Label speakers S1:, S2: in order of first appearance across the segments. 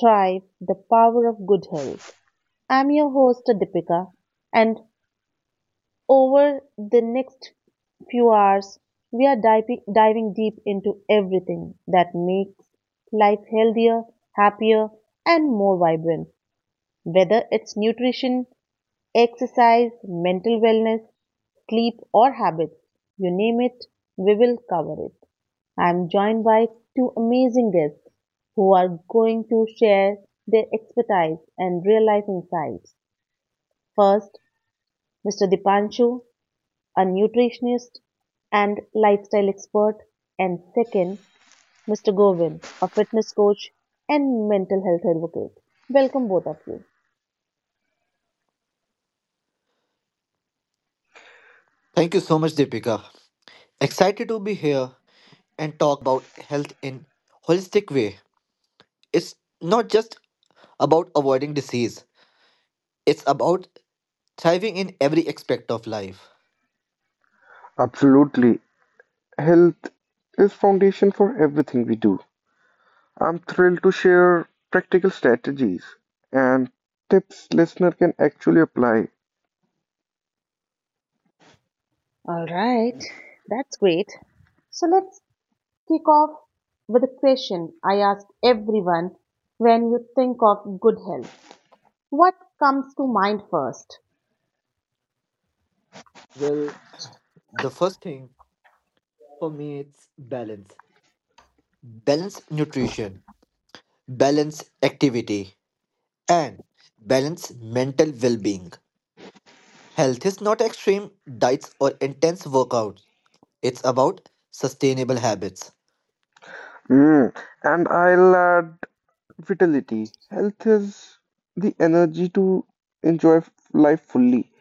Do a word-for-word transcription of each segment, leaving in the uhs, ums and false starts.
S1: Thrive, the Power of Good Health. I'm your host Deepika, and over the next few hours, we are diving, diving deep into everything that makes life healthier, happier, and more vibrant. Whether it's nutrition, exercise, mental wellness, sleep, or habits you name it, we will cover it. I'm joined by two amazing guests who are going to share their expertise and real life insights. First, mister Dipanshu, a nutritionist and lifestyle expert, and second, mister Govind, a fitness coach and mental health advocate. Welcome, both of you.
S2: Thank you so much, Deepika. Excited to be here and talk about health in holistic way. It's not just about avoiding disease. It's about thriving in every aspect of life.
S3: Absolutely. Health is foundation for everything we do. I'm thrilled to share practical strategies and tips listener can actually apply.
S1: All right, that's great. So let's kick off with a question I ask everyone when you think of good health. What comes to mind first?
S2: Well, the first thing for me it's balance. Balance nutrition, balance activity, and balance mental well-being. Health is not extreme diets or intense workouts. It's about sustainable habits.
S3: Mm. And I'll add vitality. Health is the energy to enjoy f- life fully.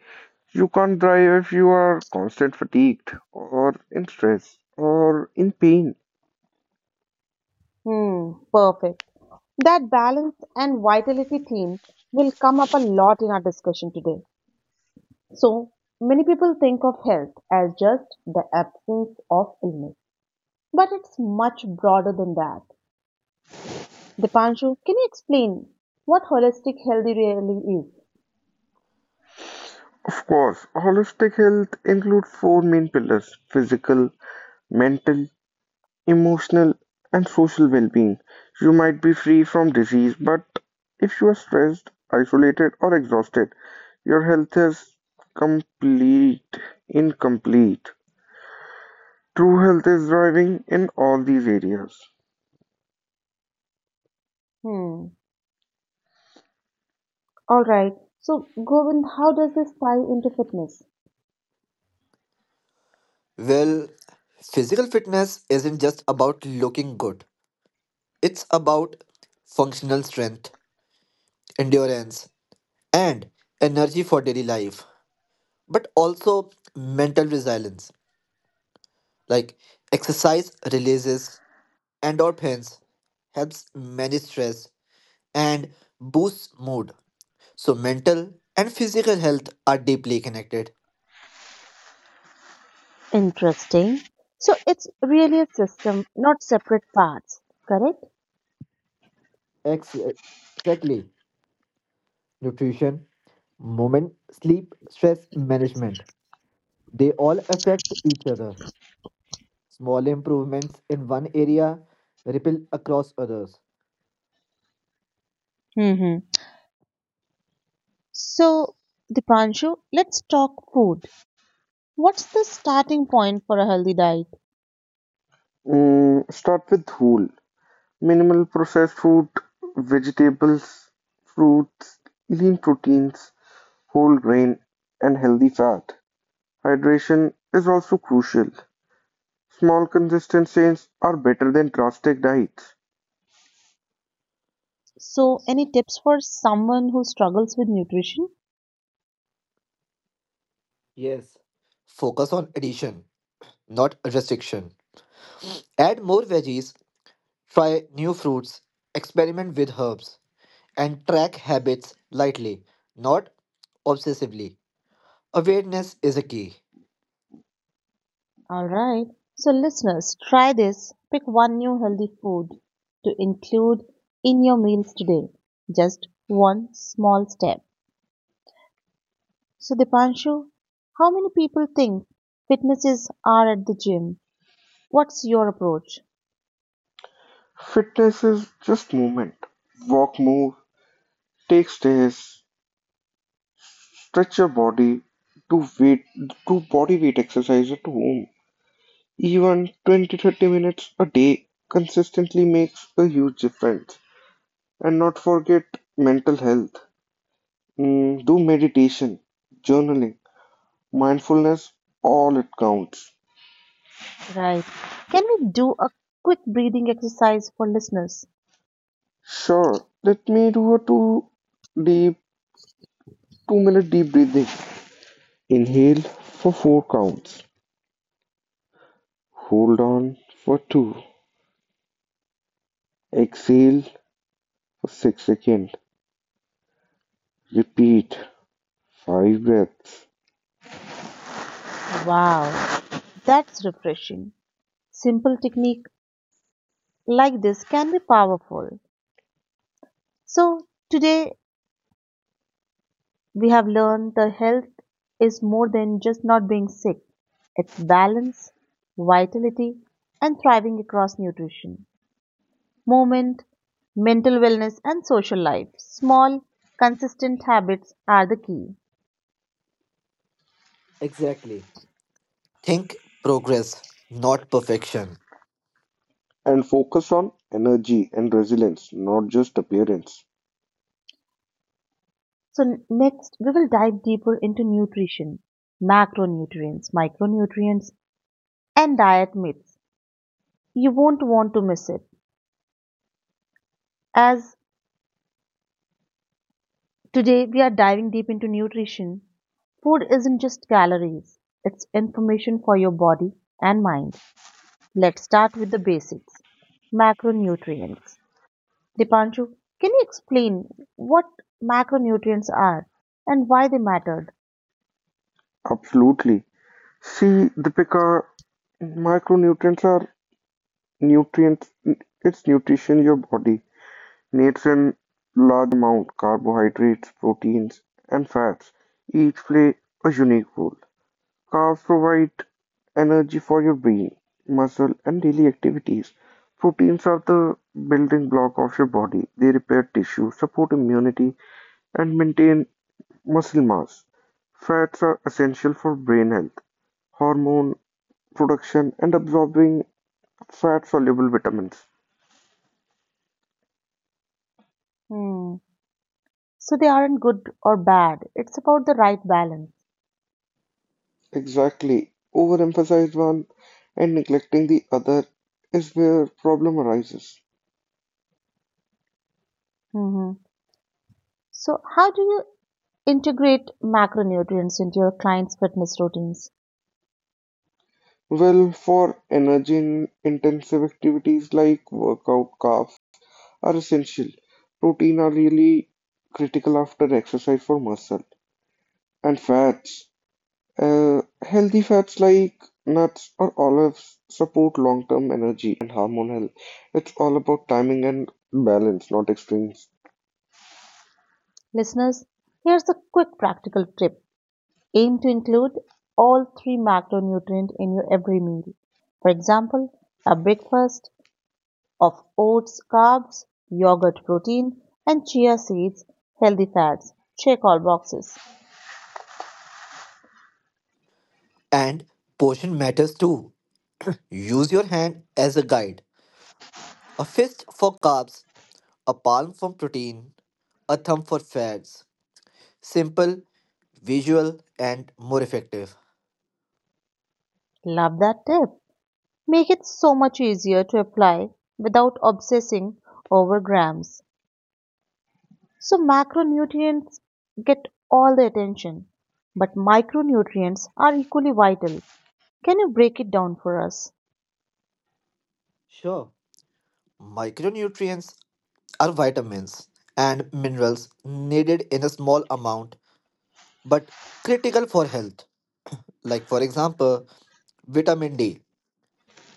S3: You can't drive if you are constant fatigued or in stress or in pain.
S1: Hmm, perfect. That balance and vitality theme will come up a lot in our discussion today. So, many people think of health as just the absence of illness, but it's much broader than that. Dipanshu, can you explain what holistic healthy really is?
S3: Of course, holistic health includes four main pillars physical, mental, emotional and social well-being. You might be free from disease, but if you are stressed, isolated, or exhausted, your health is complete incomplete. True health is thriving in all these areas.
S1: Hmm, all right. So, Govind, how does this tie into fitness?
S2: Well, physical fitness isn't just about looking good, it's about functional strength, endurance, and energy for daily life, but also mental resilience. Like exercise releases endorphins, helps manage stress, and boosts mood. So, mental and physical health are deeply connected.
S1: Interesting. So it's really a system, not separate parts, correct?
S2: Excellent. Exactly. Nutrition movement, sleep, stress management. They all affect each other. Small improvements in one area ripple across others.
S1: Hmm. So, Dipanshu, let's talk food. What's the starting point for a healthy diet?
S3: Mm, start with whole, minimal processed food, vegetables, fruits, lean proteins, whole grain, and healthy fat. Hydration is also crucial. Small consistent changes are better than drastic diets.
S1: So, any tips for someone who struggles with nutrition?
S2: Yes. Focus on addition, not restriction. Add more veggies, try new fruits, experiment with herbs, and track habits lightly, not obsessively. Awareness is a key.
S1: All right. So, listeners, try this. Pick one new healthy food to include in your meals today. Just one small step. So, Dipanshu, how many people think fitness is are at the gym? What's your approach?
S3: Fitness is just movement. Walk more, take stairs, stretch your body, do weight do body weight exercise at home. Even twenty to thirty minutes a day consistently makes a huge difference. And not forget mental health. Mm, do meditation, journaling, mindfulness, all it counts.
S1: Right. Can we do a quick breathing exercise for listeners?
S3: Sure, let me do a two deep two minute deep breathing. Inhale for four counts, hold on for two, exhale for six seconds. Repeat five breaths
S1: Wow, that's refreshing. Simple technique like this can be powerful. So, today we have learned the health is more than just not being sick. It's balance, vitality, and thriving across nutrition, movement, mental wellness, and social life. Small, consistent habits are the key.
S2: Exactly. Think progress, not perfection.
S3: and focus on energy and resilience, not just appearance.
S1: So next, we will dive deeper into nutrition, macronutrients, micronutrients, and diet myths. You won't want to miss it. As today we are diving deep into nutrition, food isn't just calories, it's information for your body and mind. Let's start with the basics. Macronutrients. Dipanshu, can you explain what macronutrients are and why they mattered?
S3: Absolutely. See, Deepika, micronutrients are nutrients, it's nutrition your body needs in large amount carbohydrates, proteins, and fats. Each play a unique role. Carbs provide energy for your brain, muscle, and daily activities. Proteins are the building block of your body. They repair tissue, support immunity, and maintain muscle mass. Fats are essential for brain health, hormone production, and absorbing fat soluble vitamins.
S1: Hmm. So they aren't good or bad. It's about the right balance.
S3: Exactly. Overemphasizing one and neglecting the other is where problem arises.
S1: Hmm. So, how do you integrate macronutrients into your clients' fitness routines?
S3: Well, for energy-intensive activities like workout, carbs are essential. Protein are really critical after exercise for muscle. And fats. Uh, healthy fats like nuts or olives support long-term energy and hormone health. It's all about timing and balance, not extremes.
S1: Listeners, here's a quick practical tip. Aim to include all three macronutrients in your every meal. For example, a breakfast of oats, carbs, yogurt protein, and chia seeds, healthy fats. Check all boxes.
S2: And portion matters too. Use your hand as a guide. A fist for carbs, a palm for protein, a thumb for fats. Simple, visual, and more effective.
S1: Love that tip. Make it so much easier to apply without obsessing over grams. So macronutrients get all the attention, but micronutrients are equally vital. Can you break it down for us?
S2: Sure, micronutrients are vitamins and minerals needed in a small amount but critical for health. Like, for example, vitamin D.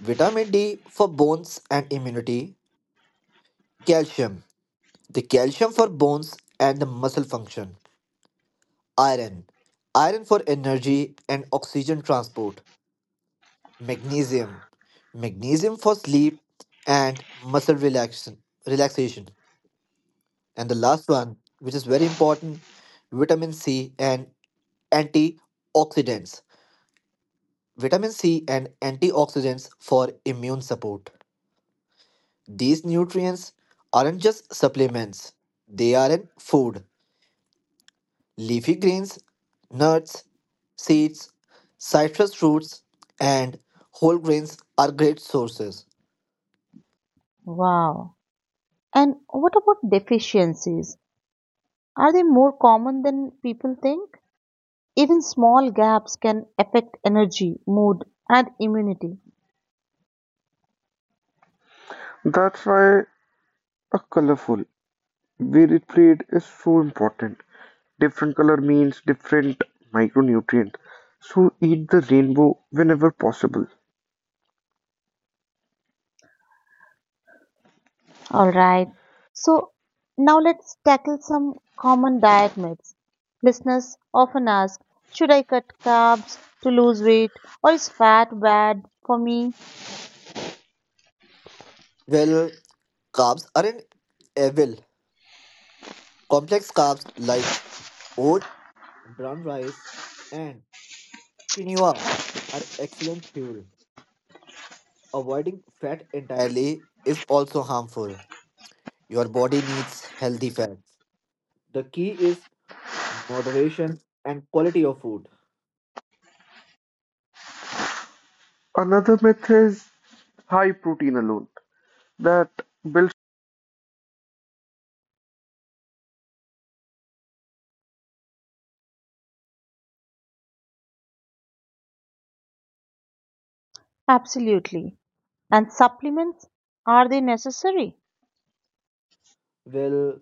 S2: Vitamin D for bones and immunity, calcium. The calcium for bones and the muscle function. Iron. Iron for energy and oxygen transport. Magnesium. Magnesium for sleep and muscle relaxation. relaxation. And the last one, which is very important, vitamin C and antioxidants. Vitamin C and antioxidants for immune support. These nutrients aren't just supplements, they are in food, leafy greens, nuts, seeds, citrus fruits, and whole grains are great sources.
S1: Wow. And what about deficiencies? Are they more common than people think? Even small gaps can affect energy, mood, and immunity.
S3: That's why a colorful, varied plate is so important. Different color means different micronutrient. So eat the rainbow whenever possible.
S1: All right. So now let's tackle some common diet myths. Listeners often ask, should I cut carbs to lose weight or is fat bad for me?
S2: Well, carbs aren't evil. Complex carbs like oats, brown rice, and quinoa are excellent fuel. Avoiding fat entirely is also harmful. Your body needs healthy fats. The key is moderation and quality of food.
S3: Another myth is high protein alone that Bill
S1: Absolutely. And supplements, are they necessary?
S2: Well,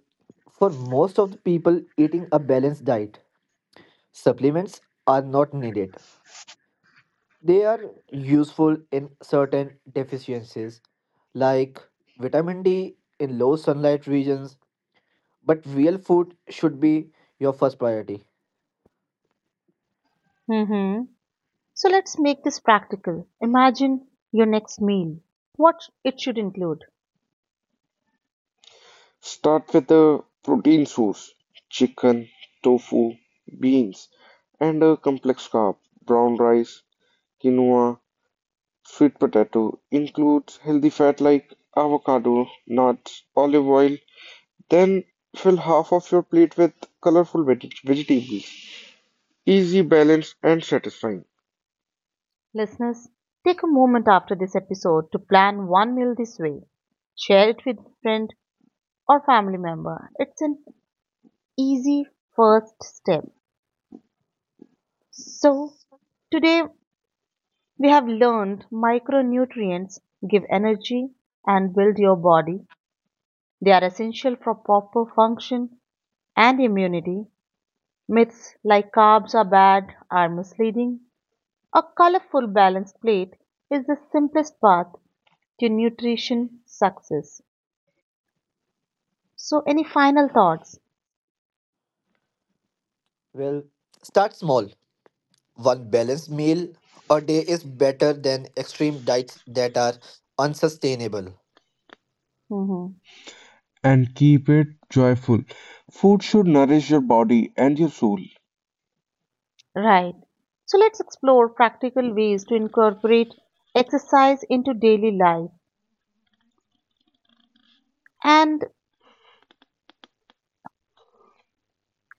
S2: for most of the people, eating a balanced diet supplements are not needed. They are useful in certain deficiencies like vitamin D in low sunlight regions, but real food should be your first priority.
S1: Mm-hmm. So let's make this practical. Imagine your next meal, what it should include.
S3: Start with a protein source: chicken, tofu, beans, and a complex carb: brown rice, quinoa, sweet potato. Includes healthy fat like avocado, nuts, olive oil. Then fill half of your plate with colorful veg- vegetables. Easy, balanced, and satisfying.
S1: Listeners, take a moment after this episode to plan one meal this way. Share it with a friend or family member. It's an easy first step. So, today we have learned micronutrients give energy and build your body. They are essential for proper function and immunity, myths like carbs are bad are misleading. A colorful balanced plate is the simplest path to nutrition success. So, any final thoughts?
S2: Well, start small. One balanced meal a day is better than extreme diets that are unsustainable.
S1: Mhm.
S3: And keep it joyful. Food should nourish your body and your soul.
S1: Right. So, let's explore practical ways to incorporate exercise into daily life. And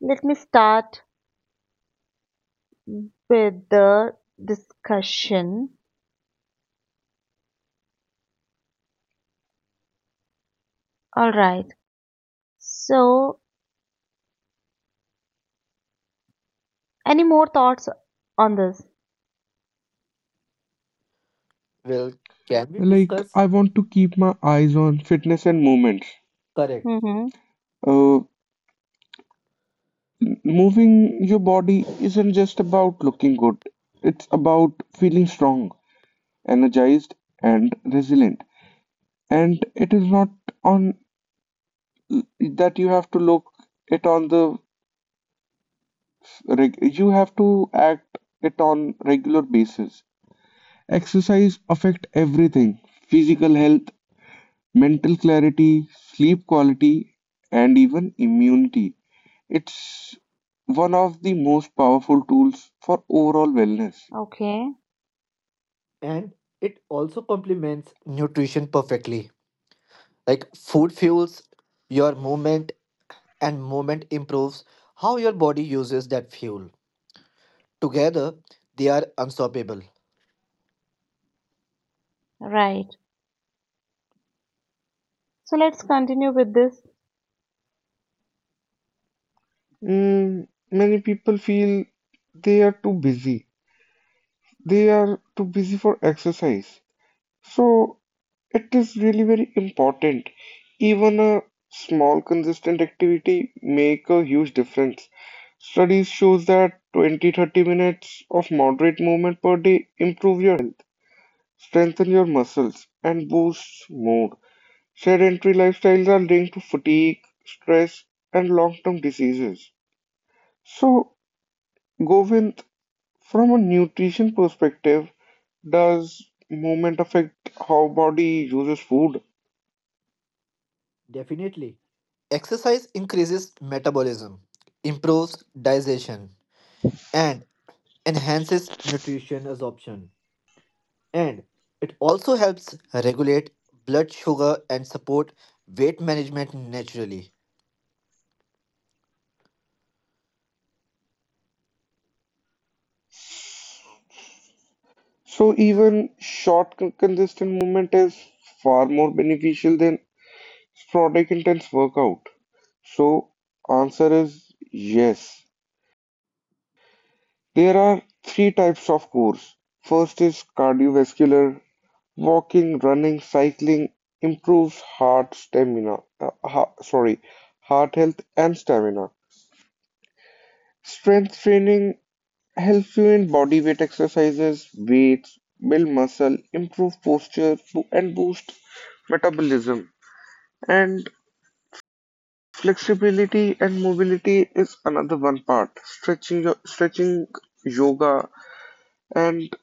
S1: let me start with the discussion. All right. So, any more thoughts on this?
S2: Well, can we
S3: Like,
S2: discuss?
S3: I want to keep my eyes on fitness and movement.
S2: Correct.
S1: Mm-hmm.
S3: Uh, Moving your body isn't just about looking good, it's about feeling strong, energized, and resilient. And it is not on that you have to look it on the reg- you have to act it on regular basis. Exercise affect everything: physical health, mental clarity, sleep quality, and even immunity. It's one of the most powerful tools for overall wellness.
S1: Okay.
S2: And it also complements nutrition perfectly. Like food fuels your movement and movement improves how your body uses that fuel. Together, they are unstoppable.
S1: Right. So let's continue with this.
S3: Mm, many people feel they are too busy. they are too busy for exercise. So it is really very important. Even a small consistent activity make a huge difference. Studies shows that twenty to thirty minutes of moderate movement per day improve your health, strengthen your muscles, and boosts mood. Sedentary lifestyles are linked to fatigue, stress, and long-term diseases. So, Govind, from a nutrition perspective, does movement affect how body uses food?
S2: Definitely. Exercise increases metabolism, improves digestion, and enhances nutrition absorption. And it also helps regulate blood sugar and support weight management naturally.
S3: So even short con- consistent movement is far more beneficial than sporadic intense workout. So answer is yes. There are three types of cores. First is cardiovascular. Walking, running, cycling improves heart stamina. Uh, ha- sorry, heart health and stamina. Strength training helps you in body weight exercises, weights, build muscle, improve posture, bo- and boost metabolism. And flexibility and mobility is another one part. Stretching, yo- stretching yoga, and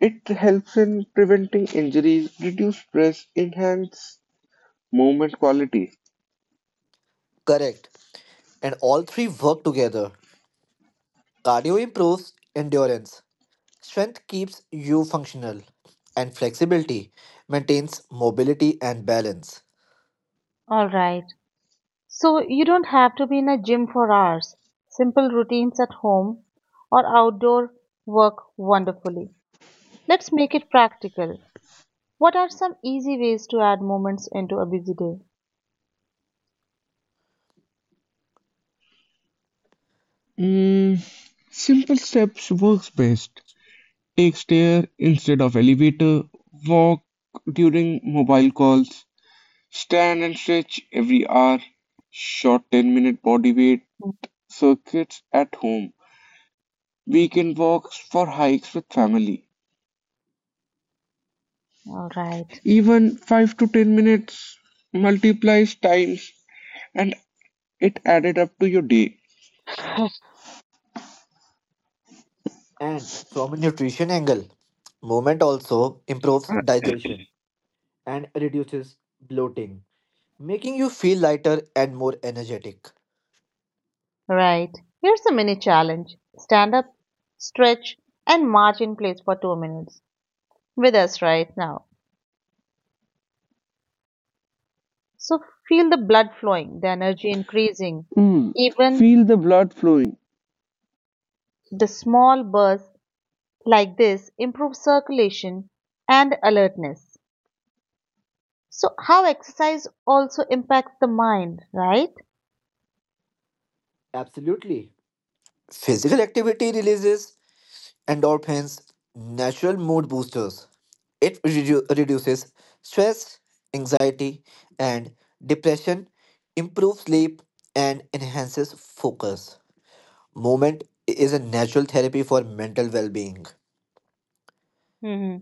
S3: it helps in preventing injuries, reduce stress, enhance movement quality.
S2: Correct. And all three work together. Cardio improves endurance, strength keeps you functional, and flexibility maintains mobility and balance.
S1: All right. So you don't have to be in a gym for hours. Simple routines at home or outdoor work wonderfully. Let's make it practical. What are some easy ways to add moments into a busy day?
S3: Mm, simple steps works best. Take stair instead of elevator. Walk during mobile calls. Stand and stretch every hour. Short ten minute body weight
S1: Mm,
S3: circuits at home. Weekend walks for hikes with family.
S1: all right.
S3: Even five to ten minutes multiplies times and it added up to your day.
S2: And from a nutrition angle, movement also improves digestion and reduces bloating, making you feel lighter and more energetic.
S1: Right. Here's a mini challenge. Stand up, stretch and march in place for two minutes with us right now. So feel the blood flowing, the energy increasing.
S3: Mm,
S1: Even
S3: feel the blood flowing
S1: the small bursts like this improves circulation and alertness. So, how exercise also impacts the mind, right?
S2: Absolutely. Physical activity releases endorphins, natural mood boosters. It redu- reduces stress, anxiety, and depression, improves sleep, and enhances focus. Movement is a natural therapy for mental well being.
S1: hmm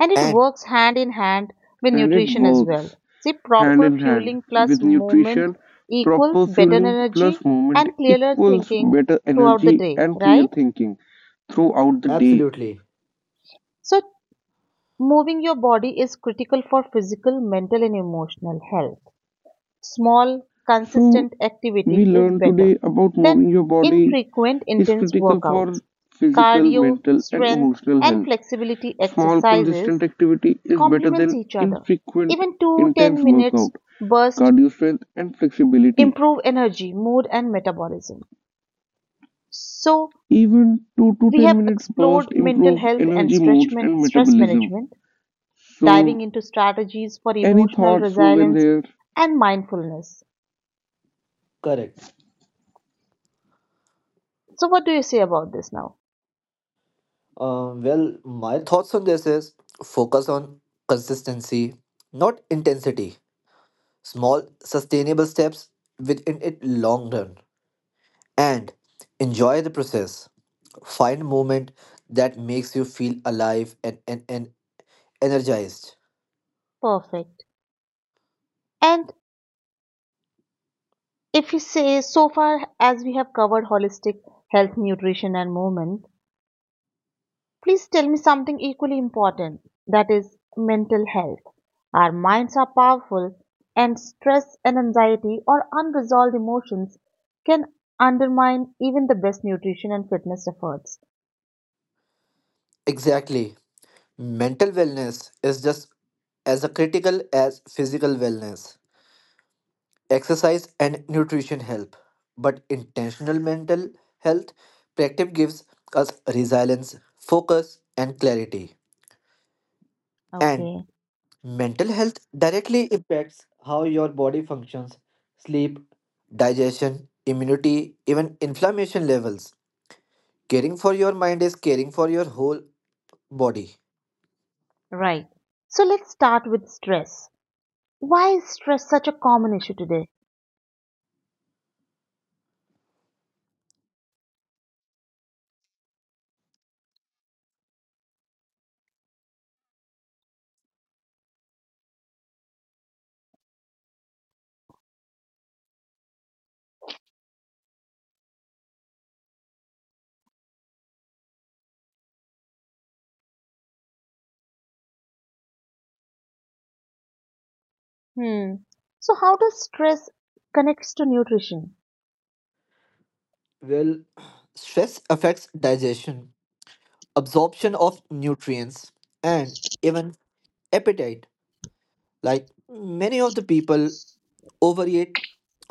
S1: And it
S2: And
S1: works hand in hand with
S3: and it
S1: nutrition as
S3: works
S1: well. See,
S2: Co-
S3: hand
S1: proper
S3: in hand
S1: fueling plus
S3: with
S1: movement
S3: nutrition. Proper
S1: equals better
S3: fueling
S1: energy
S3: plus movement
S1: and clearer
S3: equals
S1: thinking
S3: better
S1: throughout the
S3: energy
S1: day,
S3: and clear
S1: right?
S3: thinking throughout the day.
S2: Absolutely
S1: So, moving your body is critical for physical, mental, and emotional health. Small,
S3: So,
S1: consistent
S3: we
S1: activity is
S3: learned
S1: better
S3: today about
S1: than
S3: moving your body
S1: infrequent
S3: is
S1: intense
S3: critical
S1: workouts.
S3: for physical,
S1: Cardio,
S3: mental, and
S1: strength,
S3: emotional
S1: and
S3: health.
S1: flexibility
S3: Small, consistent
S1: exercises
S3: activity is better
S1: complement
S3: than
S1: each other.
S3: infrequent,
S1: Even two to
S3: intense
S1: ten minutes
S3: workout.
S1: bursts
S3: Cardio strength and flexibility.
S1: improve energy, mood, and metabolism. So,
S3: Even two to
S1: we
S3: ten
S1: have
S3: minutes burst
S1: explored mental
S3: improve
S1: health and
S3: energy
S1: stretch
S3: moods
S1: man-
S3: and
S1: stress
S3: metabolism.
S1: management, diving
S3: So,
S1: into strategies for
S3: any
S1: emotional
S3: thoughts, Govind,
S1: resilience
S3: here?
S1: and mindfulness.
S2: correct.
S1: So, what do you say about this now?
S2: Um, well, my thoughts on this is focus on consistency, not intensity. Small, sustainable steps within it long run. And enjoy the process. Find movement that makes you feel alive and, and, and energized.
S1: Perfect. And If you say, so far as we have covered holistic health, nutrition, and movement, please tell me something equally important that is, mental health. Our minds are powerful, and stress and anxiety or unresolved emotions can undermine even the best nutrition and fitness efforts.
S2: Exactly. Mental wellness is just as critical as physical wellness. Exercise and nutrition help but intentional mental health practice gives us resilience focus and clarity and
S1: Okay,
S2: mental health directly impacts how your body functions sleep digestion immunity even inflammation levels caring for your mind is caring for your whole body.
S1: right. So let's start with stress. Why is stress such a common issue today? Hmm. So, how does stress connects to nutrition?
S2: Well, stress affects digestion absorption of nutrients and even appetite. Like many of the people overeat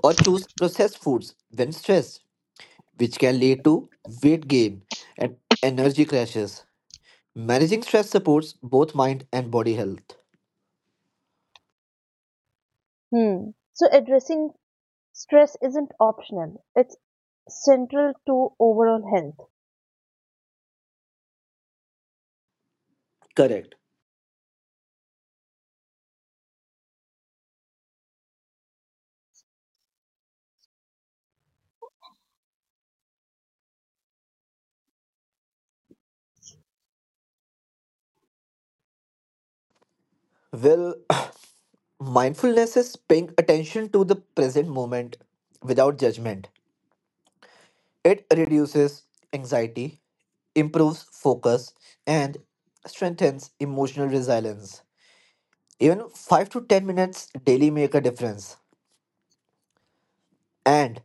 S2: or choose processed foods when stressed, which can lead to weight gain and energy crashes. Managing stress supports both mind and body health.
S1: Hmm. So addressing Stress isn't optional, it's central to overall health.
S2: Correct. Well, mindfulness is paying attention to the present moment without judgment. It reduces anxiety, improves focus, and strengthens emotional resilience. Even five to ten minutes daily make a difference. And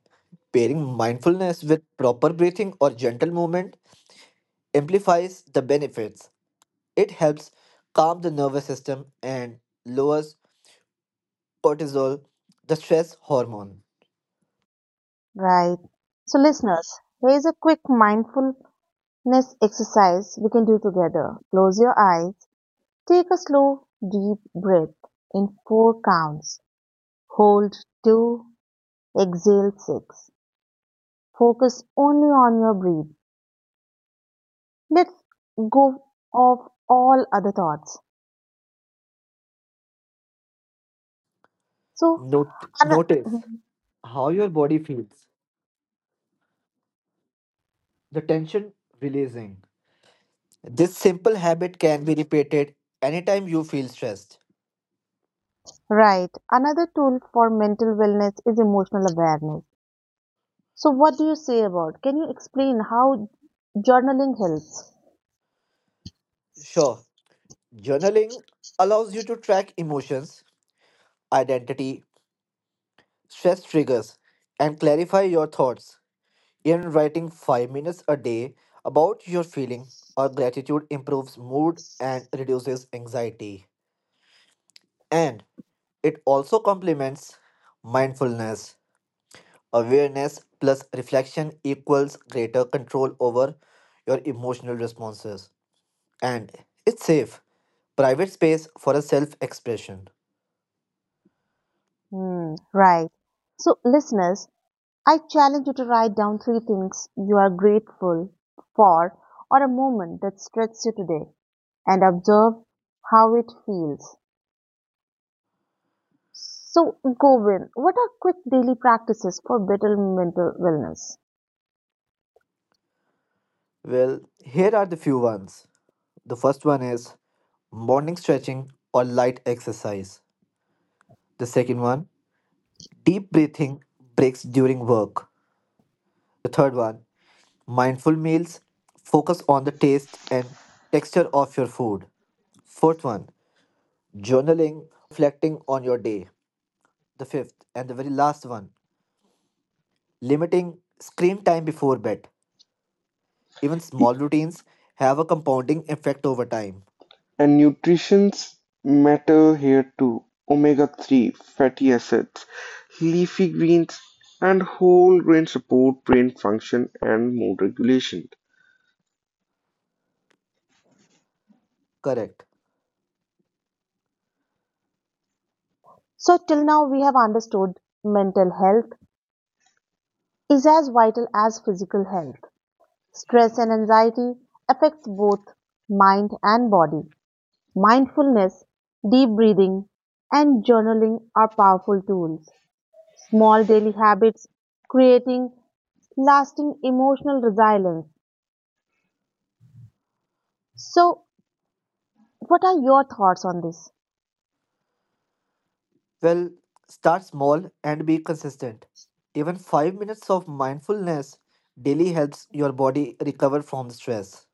S2: pairing mindfulness with proper breathing or gentle movement amplifies the benefits. It helps calm the nervous system and lowers cortisol, the stress hormone.
S1: Right. So, listeners, here's a quick mindfulness exercise we can do together. Close your eyes, take a slow, deep breath in four counts. Hold two, exhale six. Focus only on your breath. Let's go off all other thoughts. So,
S2: Note-
S1: ano-
S2: notice how your body feels, the tension releasing. This simple habit can be repeated anytime you feel stressed.
S1: right, another tool for mental wellness is emotional awareness. So what do you say about? Can you explain how journaling helps?
S2: Sure, journaling allows you to track emotions, identity, stress triggers, and clarify your thoughts. Even writing five minutes a day about your feeling or gratitude improves mood and reduces anxiety. And it also complements mindfulness. Awareness plus reflection equals greater control over your emotional responses. And it's safe. Private space for a self expression.
S1: Hmm, right. So listeners, I challenge you to write down three things you are grateful for or a moment that stressed you today and observe how it feels. So Govin, what are quick daily practices for better mental wellness?
S2: Well, here are the few ones. The first one is morning stretching or light exercise. The second one, deep breathing breaks during work. The third one, mindful meals. Focus on the taste and texture of your food. Fourth one, journaling or reflecting on your day. The fifth and the very last one, limiting screen time before bed. Even small routines have a compounding effect over time.
S4: And nutrients matter here too. omega three fatty acids, leafy greens, and whole grains support brain function and mood regulation.
S2: Correct.
S1: So till now we have understood mental health is as vital as physical health. Stress and anxiety affects both mind and body. Mindfulness, deep breathing, and journaling are powerful tools. Small daily habits creating lasting emotional resilience. So, what are your thoughts on this?
S2: Well, start small and be consistent. Even five minutes of mindfulness daily helps your body recover from stress.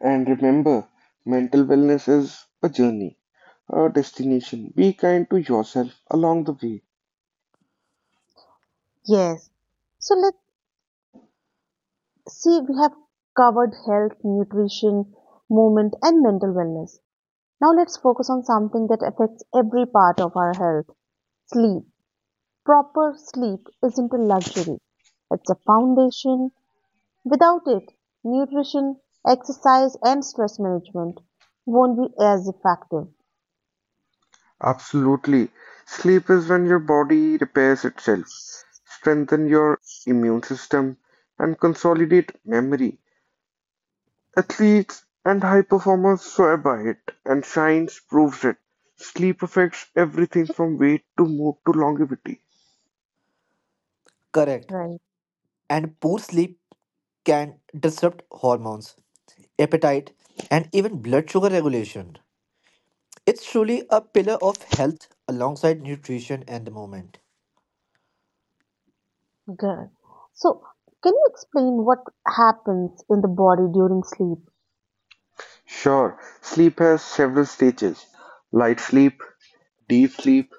S4: And remember, mental wellness is a journey, a destination. Be kind to yourself along the way.
S1: Yes. So, let's see, we have covered health, nutrition, movement, and mental wellness. Now, let's focus on something that affects every part of our health sleep. Proper sleep isn't a luxury, it's a foundation. Without it, nutrition, exercise, and stress management won't be as effective.
S4: Absolutely. Sleep is when your body repairs itself, strengthen your immune system, and consolidate memory. Athletes and high performers swear by it, and science proves it. Sleep affects everything from weight to mood to longevity.
S2: Correct.
S1: Right.
S2: And poor sleep can disrupt hormones, appetite, and even blood sugar regulation. It's truly a pillar of health alongside nutrition and the movement.
S1: Good. So, can you explain what happens in the body during sleep?
S4: Sure, sleep has several stages: light sleep, deep sleep,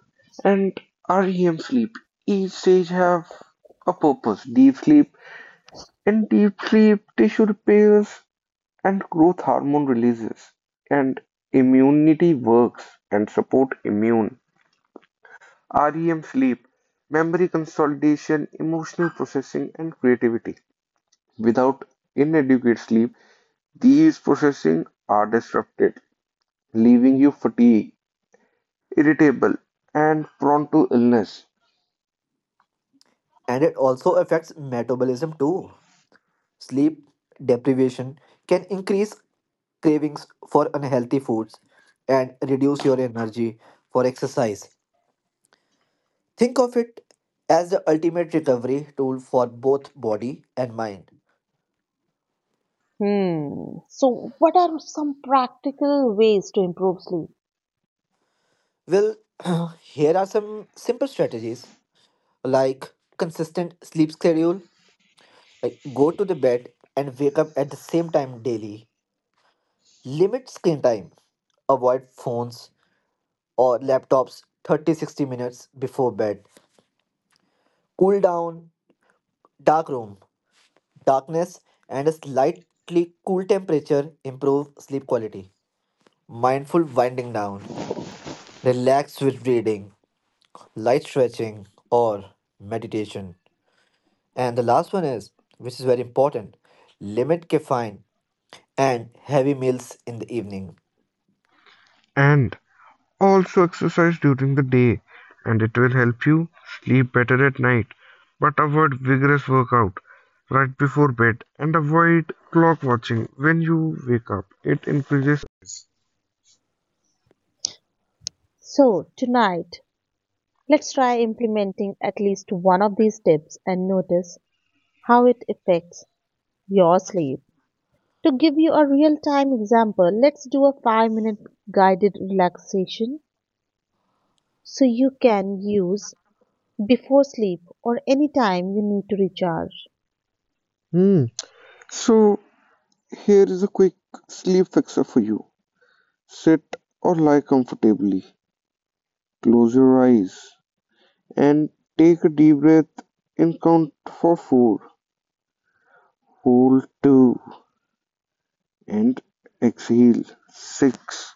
S4: and R E M sleep. Each stage have a purpose. Deep sleep, in deep sleep, tissue repairs and growth hormone releases, and immunity works and support immune. R E M sleep, memory consolidation, emotional processing, and creativity. Without inadequate sleep, these processing are disrupted, leaving you fatigued, irritable, and prone to illness.
S2: And it also affects metabolism too. Sleep deprivation can increase cravings for unhealthy foods and reduce your energy for exercise. Think of it as the ultimate recovery tool for both body and mind.
S1: Hmm. So, what are some practical ways to improve sleep?
S2: Well, here are some simple strategies like consistent sleep schedule, like go to the bed and wake up at the same time daily, limit screen time, avoid phones or laptops thirty sixty minutes before bed, cool down, dark room, darkness, and a slightly cool temperature improve sleep quality, mindful winding down, relax with reading, light stretching, or meditation. And the last one is, which is very important, limit caffeine and heavy meals in the evening.
S4: And also exercise during the day, and it will help you sleep better at night. But avoid vigorous workout right before bed, and avoid clock watching when you wake up. It increases.
S1: So, tonight, let's try implementing at least one of these tips and notice how it affects your sleep. To give you a real time example, let's do a five minute guided relaxation so you can use before sleep or any time you need to recharge.
S4: Hmm. So here is a quick sleep fixer for you. Sit or lie comfortably. Close your eyes and take a deep breath in, count for four. Hold two and exhale six.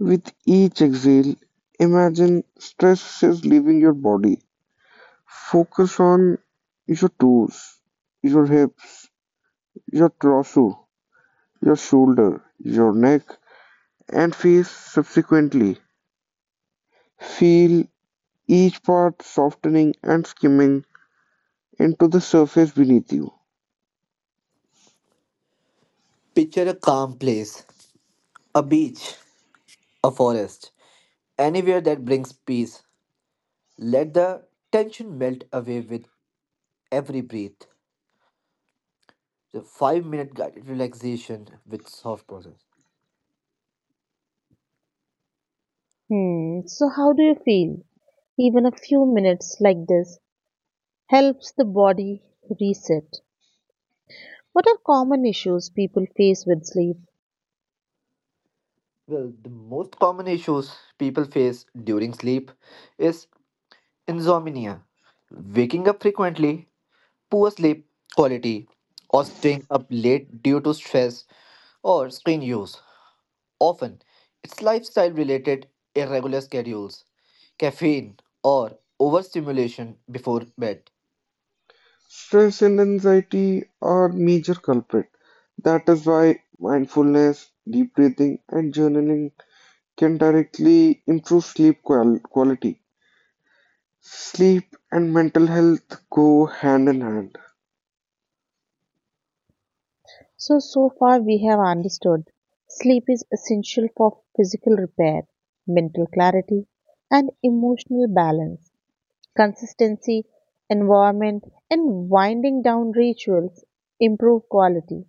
S4: With each exhale, imagine stress is leaving your body. Focus on your toes, your hips, your torso, your shoulder, your neck, and face subsequently. Feel each part softening and skimming into the surface beneath you.
S2: Picture a calm place, a beach, a forest, anywhere that brings peace. Let the tension melt away with every breath. The five minute guided relaxation with soft process.
S1: Hmm, so how do you feel? Even a few minutes like this helps the body reset. What are common issues people face with sleep?
S2: Well, the most common issues people face during sleep is insomnia, waking up frequently, poor sleep quality, or staying up late due to stress or screen use. Often, it's lifestyle related irregular schedules, caffeine, or overstimulation before bed.
S4: Stress and anxiety are major culprit. That is why mindfulness, deep breathing, and journaling can directly improve sleep qual- quality. Sleep and mental health go hand in hand.
S1: So, so far we have understood sleep is essential for physical repair, mental clarity, and emotional balance. Consistency, environment, and winding down rituals improve quality.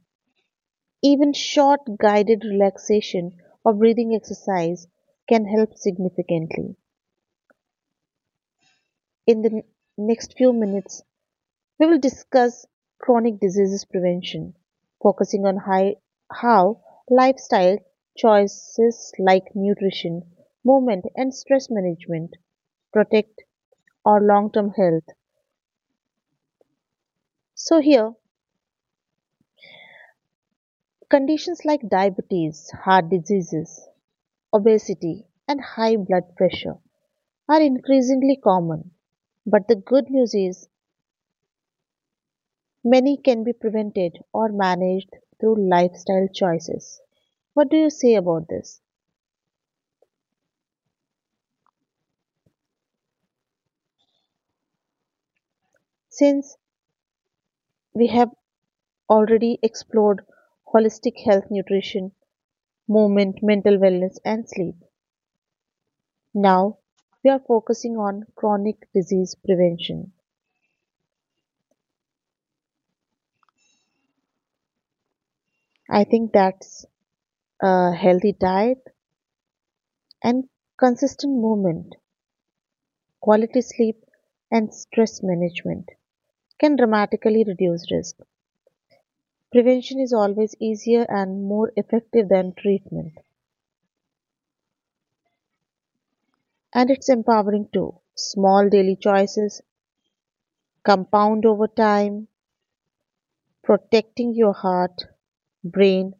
S1: Even short guided relaxation or breathing exercise can help significantly. In the n- next few minutes, we will discuss chronic diseases prevention, focusing on hi- how lifestyle choices like nutrition, movement, and stress management protect our long term health. So, here Conditions like diabetes, heart diseases, obesity, and high blood pressure are increasingly common. But the good news is many can be prevented or managed through lifestyle choices. What do you say about this? Since we have already explored holistic health, nutrition, movement, mental wellness, and sleep, now we are focusing on chronic disease prevention. I think that's a healthy diet, and consistent movement, quality sleep, and stress management can dramatically reduce risk. Prevention is always easier and more effective than treatment, and it's empowering too. Small daily choices compound over time, protecting your heart, brain,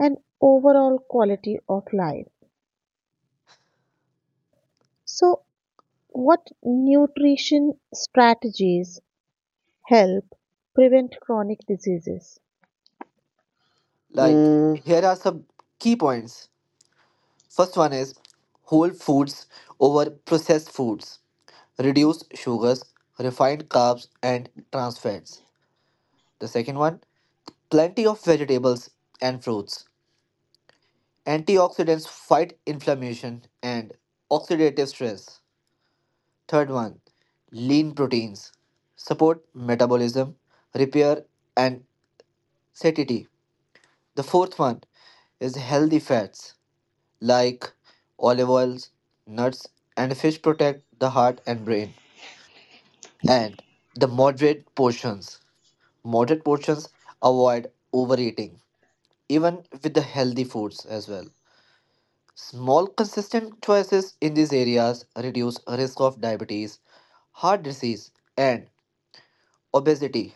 S1: and overall quality of life. So, what nutrition strategies help prevent chronic diseases?
S2: Like,
S4: Mm,
S2: here are some key points. First one is whole foods over processed foods, reduce sugars, refined carbs, and trans fats. The second one, plenty of vegetables and fruits. Antioxidants fight inflammation and oxidative stress. Third one, lean proteins support metabolism, repair, and satiety. The fourth one is healthy fats like olive oils, nuts, and fish protect the heart and brain. And the moderate portions. Moderate portions avoid overeating, even with the healthy foods as well. Small, consistent choices in these areas reduce risk of diabetes, heart disease, and obesity.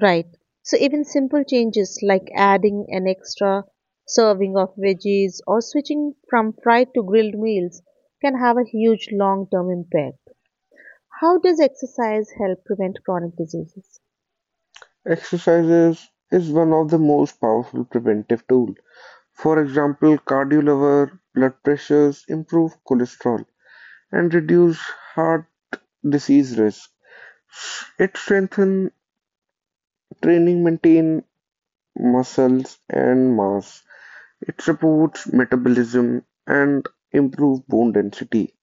S1: Right. So even simple changes like adding an extra serving of veggies or switching from fried to grilled meals can have a huge long-term impact. How does exercise help prevent chronic diseases?
S4: Exercises is one of the most powerful preventive tool. For example, cardio lower blood pressures, improve cholesterol, and reduce heart disease risk. It strengthens training, maintain muscles and mass. It supports metabolism and improve bone density.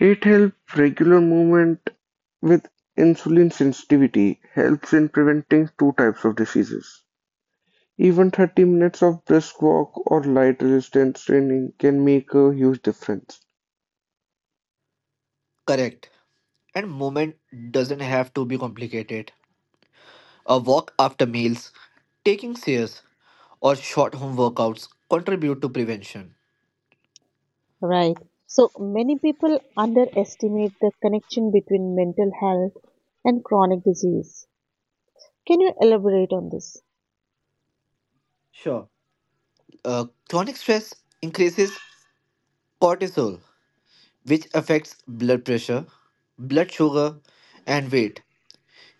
S4: It helps regular movement with insulin sensitivity, helps in preventing two types of diseases. Even thirty minutes of brisk walk or light resistance training can make a huge difference.
S2: Correct. And movement doesn't have to be complicated. A walk after meals, taking stairs, or short home workouts contribute to prevention.
S1: Right. So many people underestimate the connection between mental health and chronic disease. Can you elaborate on this?
S2: Sure. Uh, chronic stress increases cortisol, which affects blood pressure, blood sugar, and weight.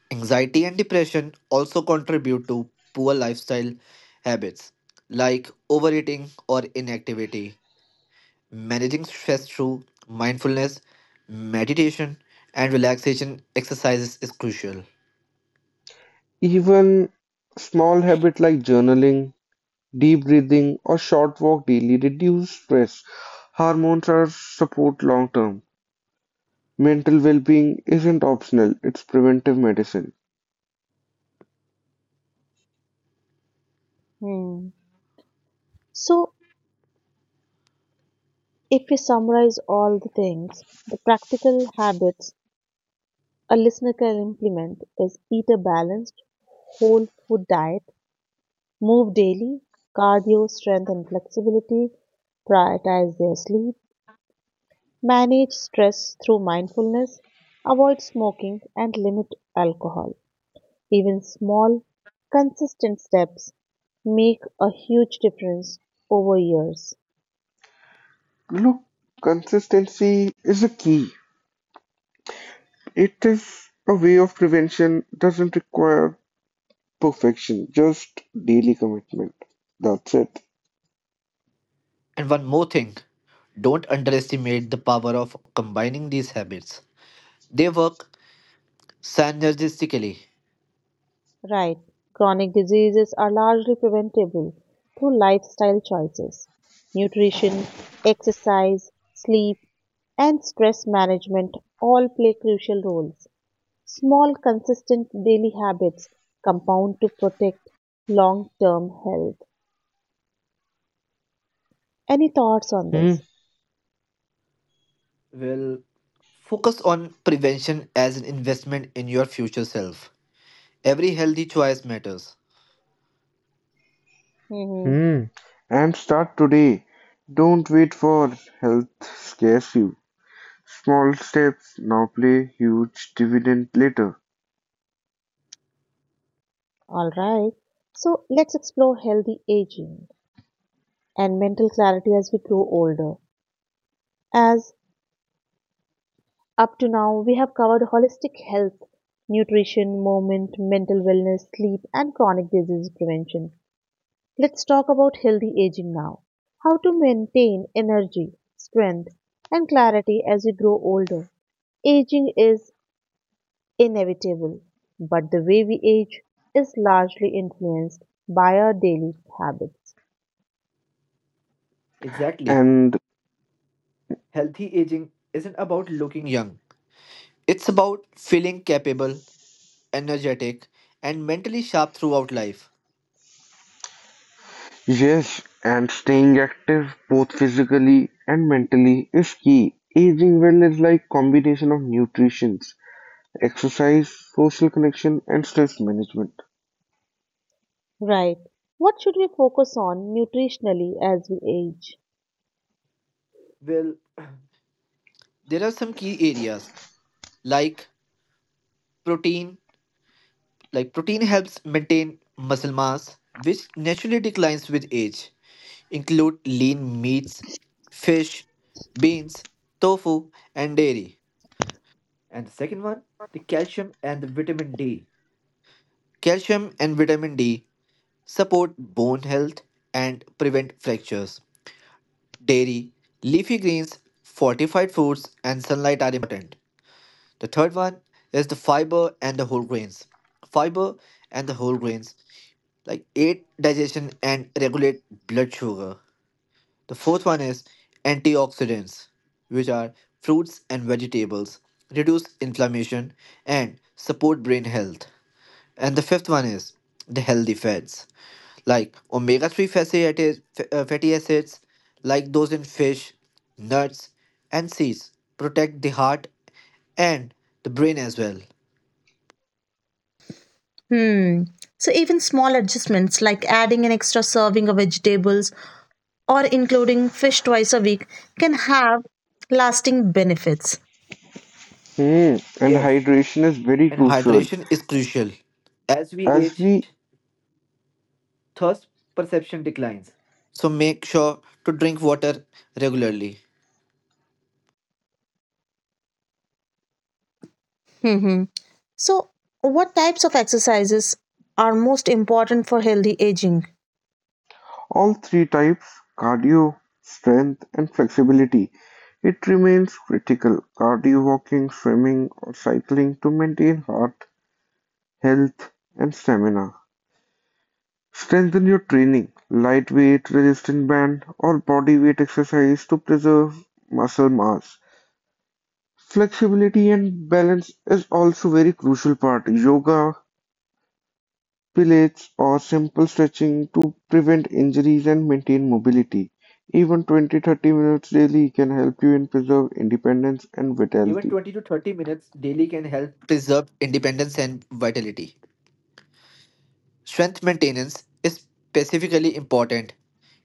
S2: Anxiety and depression also contribute to poor lifestyle habits like overeating or inactivity. Managing stress through mindfulness, meditation, and relaxation exercises is crucial.
S4: Even small habit like journaling, deep breathing, or short walk daily reduce stress. Hormones are support long term. Mental well-being isn't optional, it's preventive medicine.
S1: Hmm. So if we summarize all the things, the practical habits A listener can implement is eat a balanced whole food diet, move daily, cardio, strength and flexibility, prioritize their sleep, manage stress through mindfulness, avoid smoking and limit alcohol. Even small, consistent steps make a huge difference over years.
S4: Look, consistency is a key. It is a way of prevention, doesn't require perfection, just daily commitment. That's it.
S2: And one more thing, don't underestimate the power of combining these habits, they work synergistically.
S1: Right. Chronic diseases are largely preventable through lifestyle choices, nutrition, exercise, sleep, and stress management all play crucial roles. Small, consistent daily habits compound to protect long term health. Any thoughts on this?
S2: Well, focus on prevention as an investment in your future self. Every healthy choice matters.
S1: Mm-hmm.
S4: And start today. Don't wait for health scares you. Small steps now play huge dividend later.
S1: All right. So let's explore healthy aging and mental clarity as we grow older. As Up to now, we have covered holistic health, nutrition, movement, mental wellness, sleep, and chronic disease prevention. Let's talk about healthy aging now. How to maintain energy, strength, and clarity as we grow older. Aging is inevitable, but the way we age is largely influenced by our daily habits.
S2: Exactly.
S4: And
S2: Healthy aging isn't about looking young, it's about feeling capable, energetic, and mentally sharp throughout life.
S4: yes, and staying active both physically and mentally is key. Aging well is like combination of nutrition, exercise, social connection, and stress management.
S1: Right. What should we focus on nutritionally as we age?
S2: Well, there are some key areas like protein like protein helps maintain muscle mass which naturally declines with age, include lean meats, fish, beans, tofu, and dairy. And the second one, the calcium and the vitamin d calcium and vitamin d support bone health and prevent fractures, dairy, leafy greens, fortified foods, and sunlight are important. The third one is the fiber and the whole grains. Fiber and the whole grains like aid digestion and regulate blood sugar. The fourth one is antioxidants, which are fruits and vegetables, reduce inflammation and support brain health. And the fifth one is the healthy fats, like omega three fatty acids, uh, fatty acids, like those in fish, nuts, and seeds, protect the heart and the brain as well.
S1: Hmm. So even small adjustments like adding an extra serving of vegetables or including fish twice a week can have lasting benefits.
S4: Hmm, and
S2: Yes,
S4: hydration is very
S2: and
S4: crucial,
S2: hydration is crucial. As we
S4: as
S2: age,
S4: we
S2: thirst perception declines. So make sure to drink water regularly.
S1: Hmm. So what types of exercises are most important for healthy aging?
S4: all three types: cardio, strength, and flexibility. It remains critical. Cardio walking, swimming, or cycling to maintain heart health and stamina. Strengthen your training, lightweight, resistance band, or body weight exercise to preserve muscle mass. Flexibility and balance is also very crucial part. Yoga, pilates, or simple stretching to prevent injuries and maintain mobility. Even twenty to thirty minutes daily can help you in preserve independence and
S2: Even
S4: vitality.
S2: twenty to thirty minutes daily can help. Preserve independence and vitality. Strength maintenance is specifically important.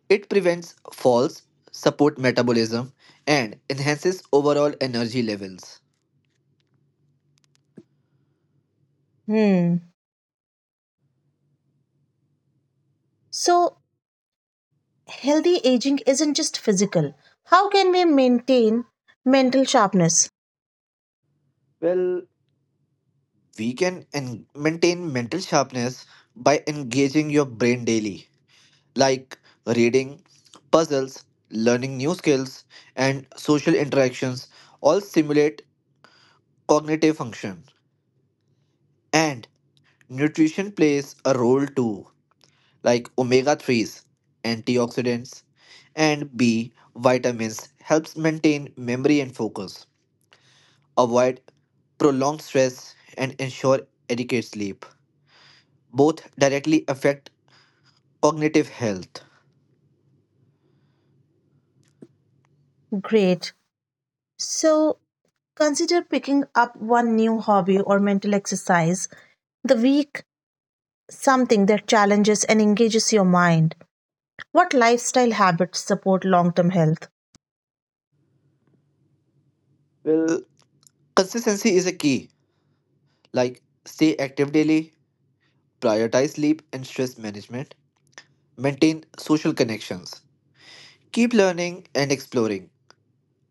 S2: It prevents falls, support metabolism, and enhances overall energy levels.
S1: Hmm. So healthy aging isn't just physical. How can we maintain mental sharpness?
S2: Well, we can en- maintain mental sharpness by engaging your brain daily, like reading, puzzles, learning new skills, and social interactions all stimulate cognitive function. And nutrition plays a role too, like omega three s, antioxidants, and B vitamins helps maintain memory and focus, avoid prolonged stress, and ensure adequate sleep. Both directly affect cognitive health.
S1: Great. So consider picking up one new hobby or mental exercise the week something that challenges and engages your mind. What lifestyle habits support long term health?
S2: Well, consistency is a key, like stay active daily, prioritize sleep and stress management, maintain social connections, keep learning and exploring,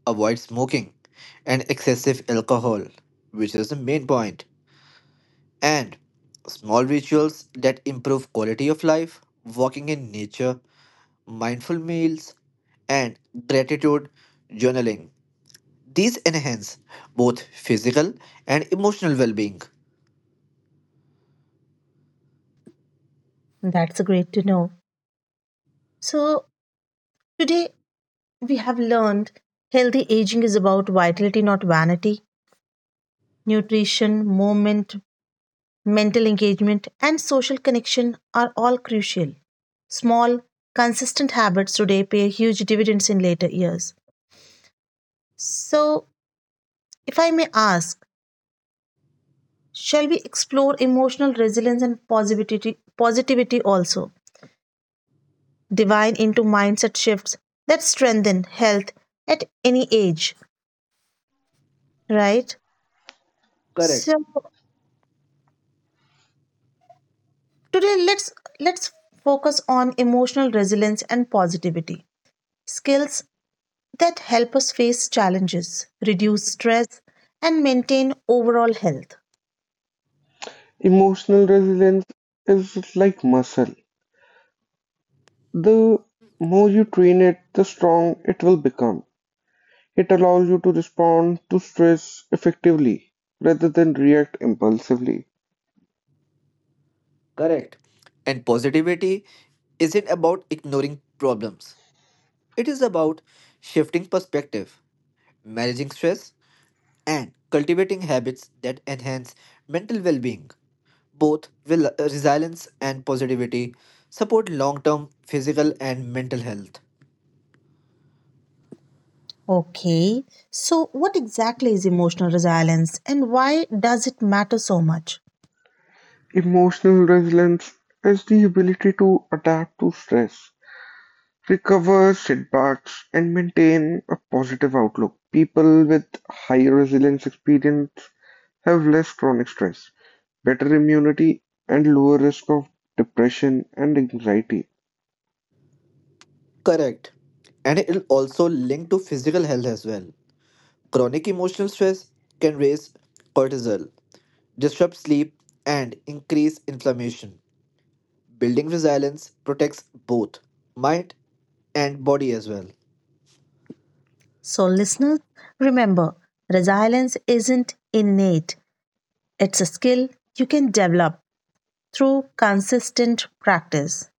S2: avoid smoking and excessive alcohol, which is the main point, and small rituals that improve quality of life, walking in nature, mindful meals, and gratitude journaling. These enhance both physical and emotional well being.
S1: That's great to know. So, today we have learned healthy aging is about vitality, not vanity. Nutrition, movement, mental engagement, and social connection are all crucial. Small, consistent habits today pay huge dividends in later years. So, if I may ask, shall we explore emotional resilience and positivity, positivity also? Divine into mindset shifts that strengthen health at any age, right? So
S2: Correct,
S1: today let's let's focus on emotional resilience and positivity, skills that help us face challenges, reduce stress and maintain overall health.
S3: Emotional resilience is like muscle. The more you train it, the strong it will become. It allows you to respond to stress effectively rather than react impulsively.
S2: correct. And positivity isn't about ignoring problems. It is about shifting perspective, managing stress, and cultivating habits that enhance mental well being. Both will uh, resilience and positivity support long term physical and mental health.
S1: Okay. So what exactly is emotional resilience and why does it matter so much?
S3: Emotional resilience is the ability to adapt to stress, recover setbacks, and maintain a positive outlook. People with high resilience experience have less chronic stress, better immunity, and lower risk of depression and anxiety.
S2: Correct. And it will also link to physical health as well. Chronic emotional stress can raise cortisol, disrupt sleep, and increase inflammation. Building resilience protects both mind and body as well.
S1: So listeners, remember resilience isn't innate It's a skill you can develop through consistent practice.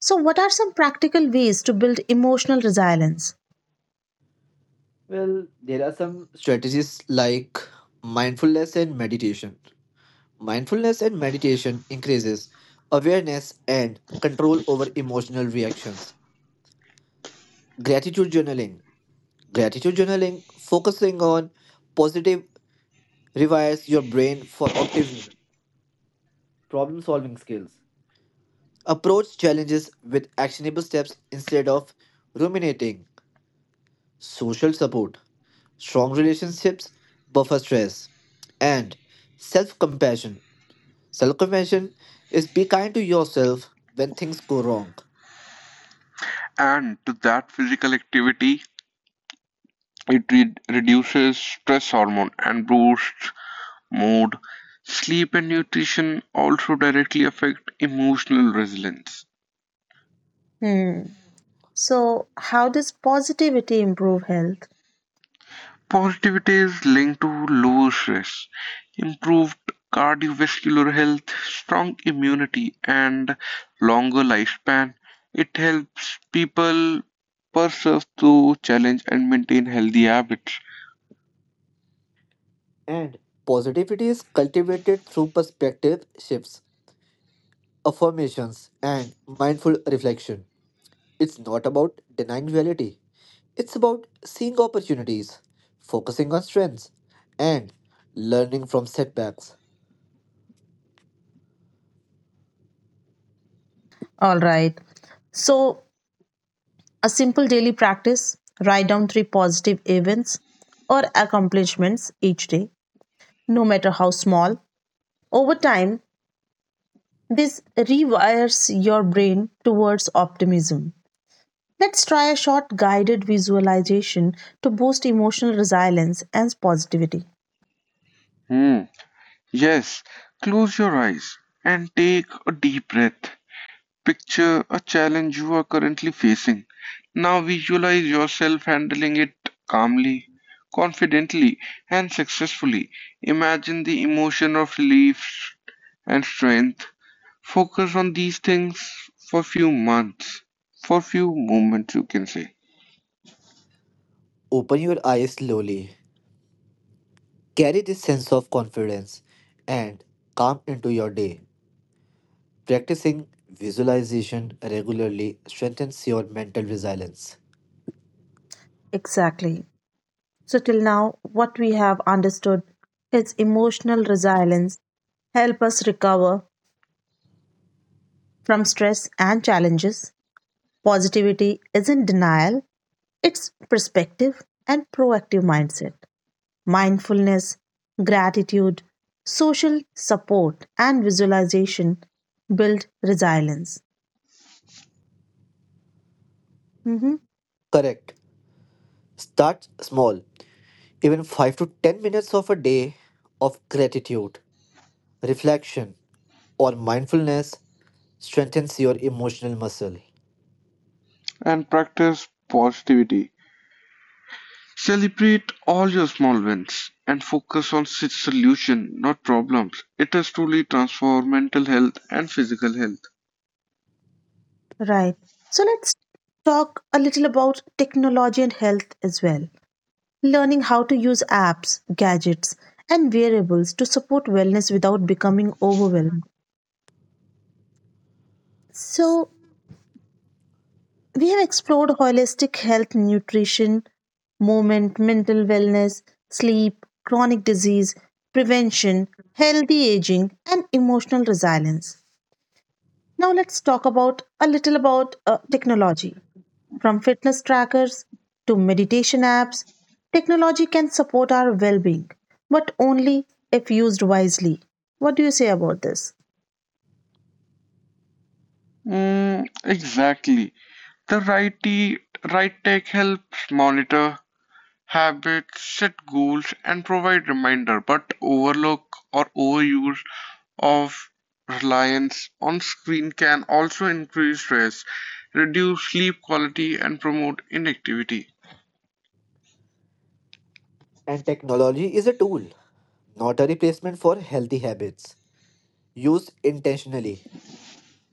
S1: So, what are some practical ways to build emotional resilience?
S2: Well, there are some strategies like mindfulness and meditation. Mindfulness and meditation increases awareness and control over emotional reactions. Gratitude journaling. Gratitude journaling, focusing on positive, rewires your brain for optimism, problem solving skills. Approach challenges with actionable steps instead of ruminating. Social support, strong relationships, buffer stress, and self compassion. Self compassion is be kind to yourself when things go wrong.
S3: And to that physical activity, it re- reduces stress hormone and boosts mood. Sleep and nutrition also directly affect emotional resilience.
S1: Hmm. So, how does positivity improve health?
S3: Positivity is linked to lower stress, improved cardiovascular health, strong immunity, and longer lifespan. It helps people persevere through challenge and maintain healthy habits.
S2: And positivity is cultivated through perspective shifts, affirmations, and mindful reflection. It's not about denying reality, it's about seeing opportunities, focusing on strengths, and learning from setbacks.
S1: All right. So, a simple daily practice write down three positive events or accomplishments each day, no matter how small. Over time, this rewires your brain towards optimism. Let's try a short guided visualization to boost emotional resilience and positivity.
S3: Hmm. Yes, close your eyes and take a deep breath. Picture a challenge you are currently facing. Now visualize yourself handling it calmly, confidently, and successfully. Imagine the emotion of relief and strength. Focus on these things for few months, for few moments, you can say,
S2: Open your eyes slowly. Carry this sense of confidence and calm into your day. Practicing visualization regularly strengthens your mental resilience.
S1: Exactly. So, till now, what we have understood is emotional resilience help us recover from stress and challenges. Positivity isn't denial, it's perspective and proactive mindset. Mindfulness, gratitude, social support, and visualization build resilience. Mhm.
S2: Correct. Start small. Even five to ten minutes of a day of gratitude, reflection, or mindfulness strengthens your emotional muscle.
S3: and practice positivity. Celebrate all your small wins and focus on s- solution, not problems. It is truly transform mental health and physical health.
S1: Right. So let's talk a little about technology and health as well. Learning how to use apps, gadgets, and variables to support wellness without becoming overwhelmed. So, we have explored holistic health, nutrition, movement, mental wellness, sleep, chronic disease, prevention, healthy aging, and emotional resilience. Now, let's talk about a little about uh, technology. From fitness trackers to meditation apps, technology can support our well being, but only if used wisely. What do you say about this?
S3: Mm, exactly. The righty right tech helps monitor habits, set goals, and provide reminder, but overlook or overuse of reliance on screen can also increase stress, reduce sleep quality, and promote inactivity.
S2: And technology is a tool, not a replacement for healthy habits. Use intentionally.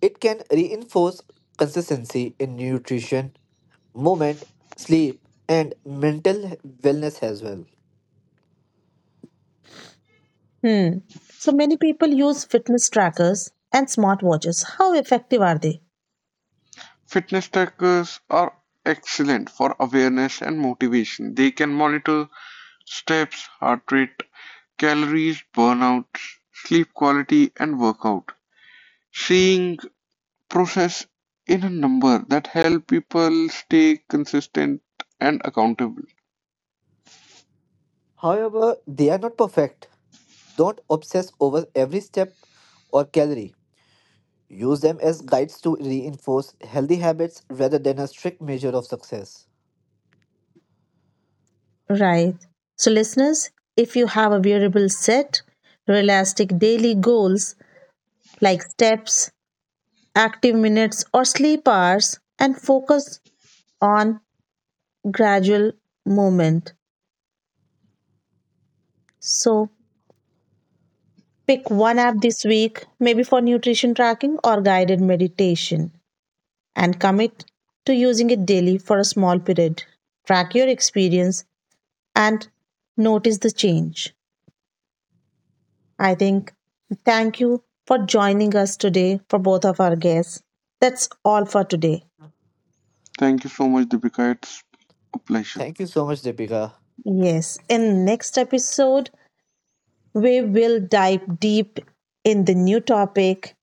S2: It can reinforce consistency in nutrition, movement, sleep, and mental wellness as well.
S1: Hmm. So many people use fitness trackers and smartwatches. How effective are they?
S3: Fitness trackers are excellent for awareness and motivation. They can monitor steps, heart rate, calories burnout, sleep quality, and workout. Seeing process in a number that help people stay consistent and accountable.
S2: However, they are not perfect. Don't obsess over every step or calorie. Use them as guides to reinforce healthy habits rather than a strict measure of success.
S1: Right. So, listeners, if you have a wearable set, realistic daily goals like steps, active minutes, or sleep hours, and focus on gradual movement. So, Pick one app this week, maybe for nutrition tracking or guided meditation, and commit to using it daily for a small period. Track your experience and notice the change. I think thank you for joining us today for both of our guests. That's all for today.
S3: Thank you so much, Deepika. It's a pleasure.
S2: Thank you so much, Deepika.
S1: Yes, in next episode we will dive deep in the new topic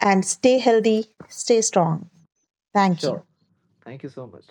S1: and stay healthy, stay strong. Thank you.
S2: Sure. Thank you so much.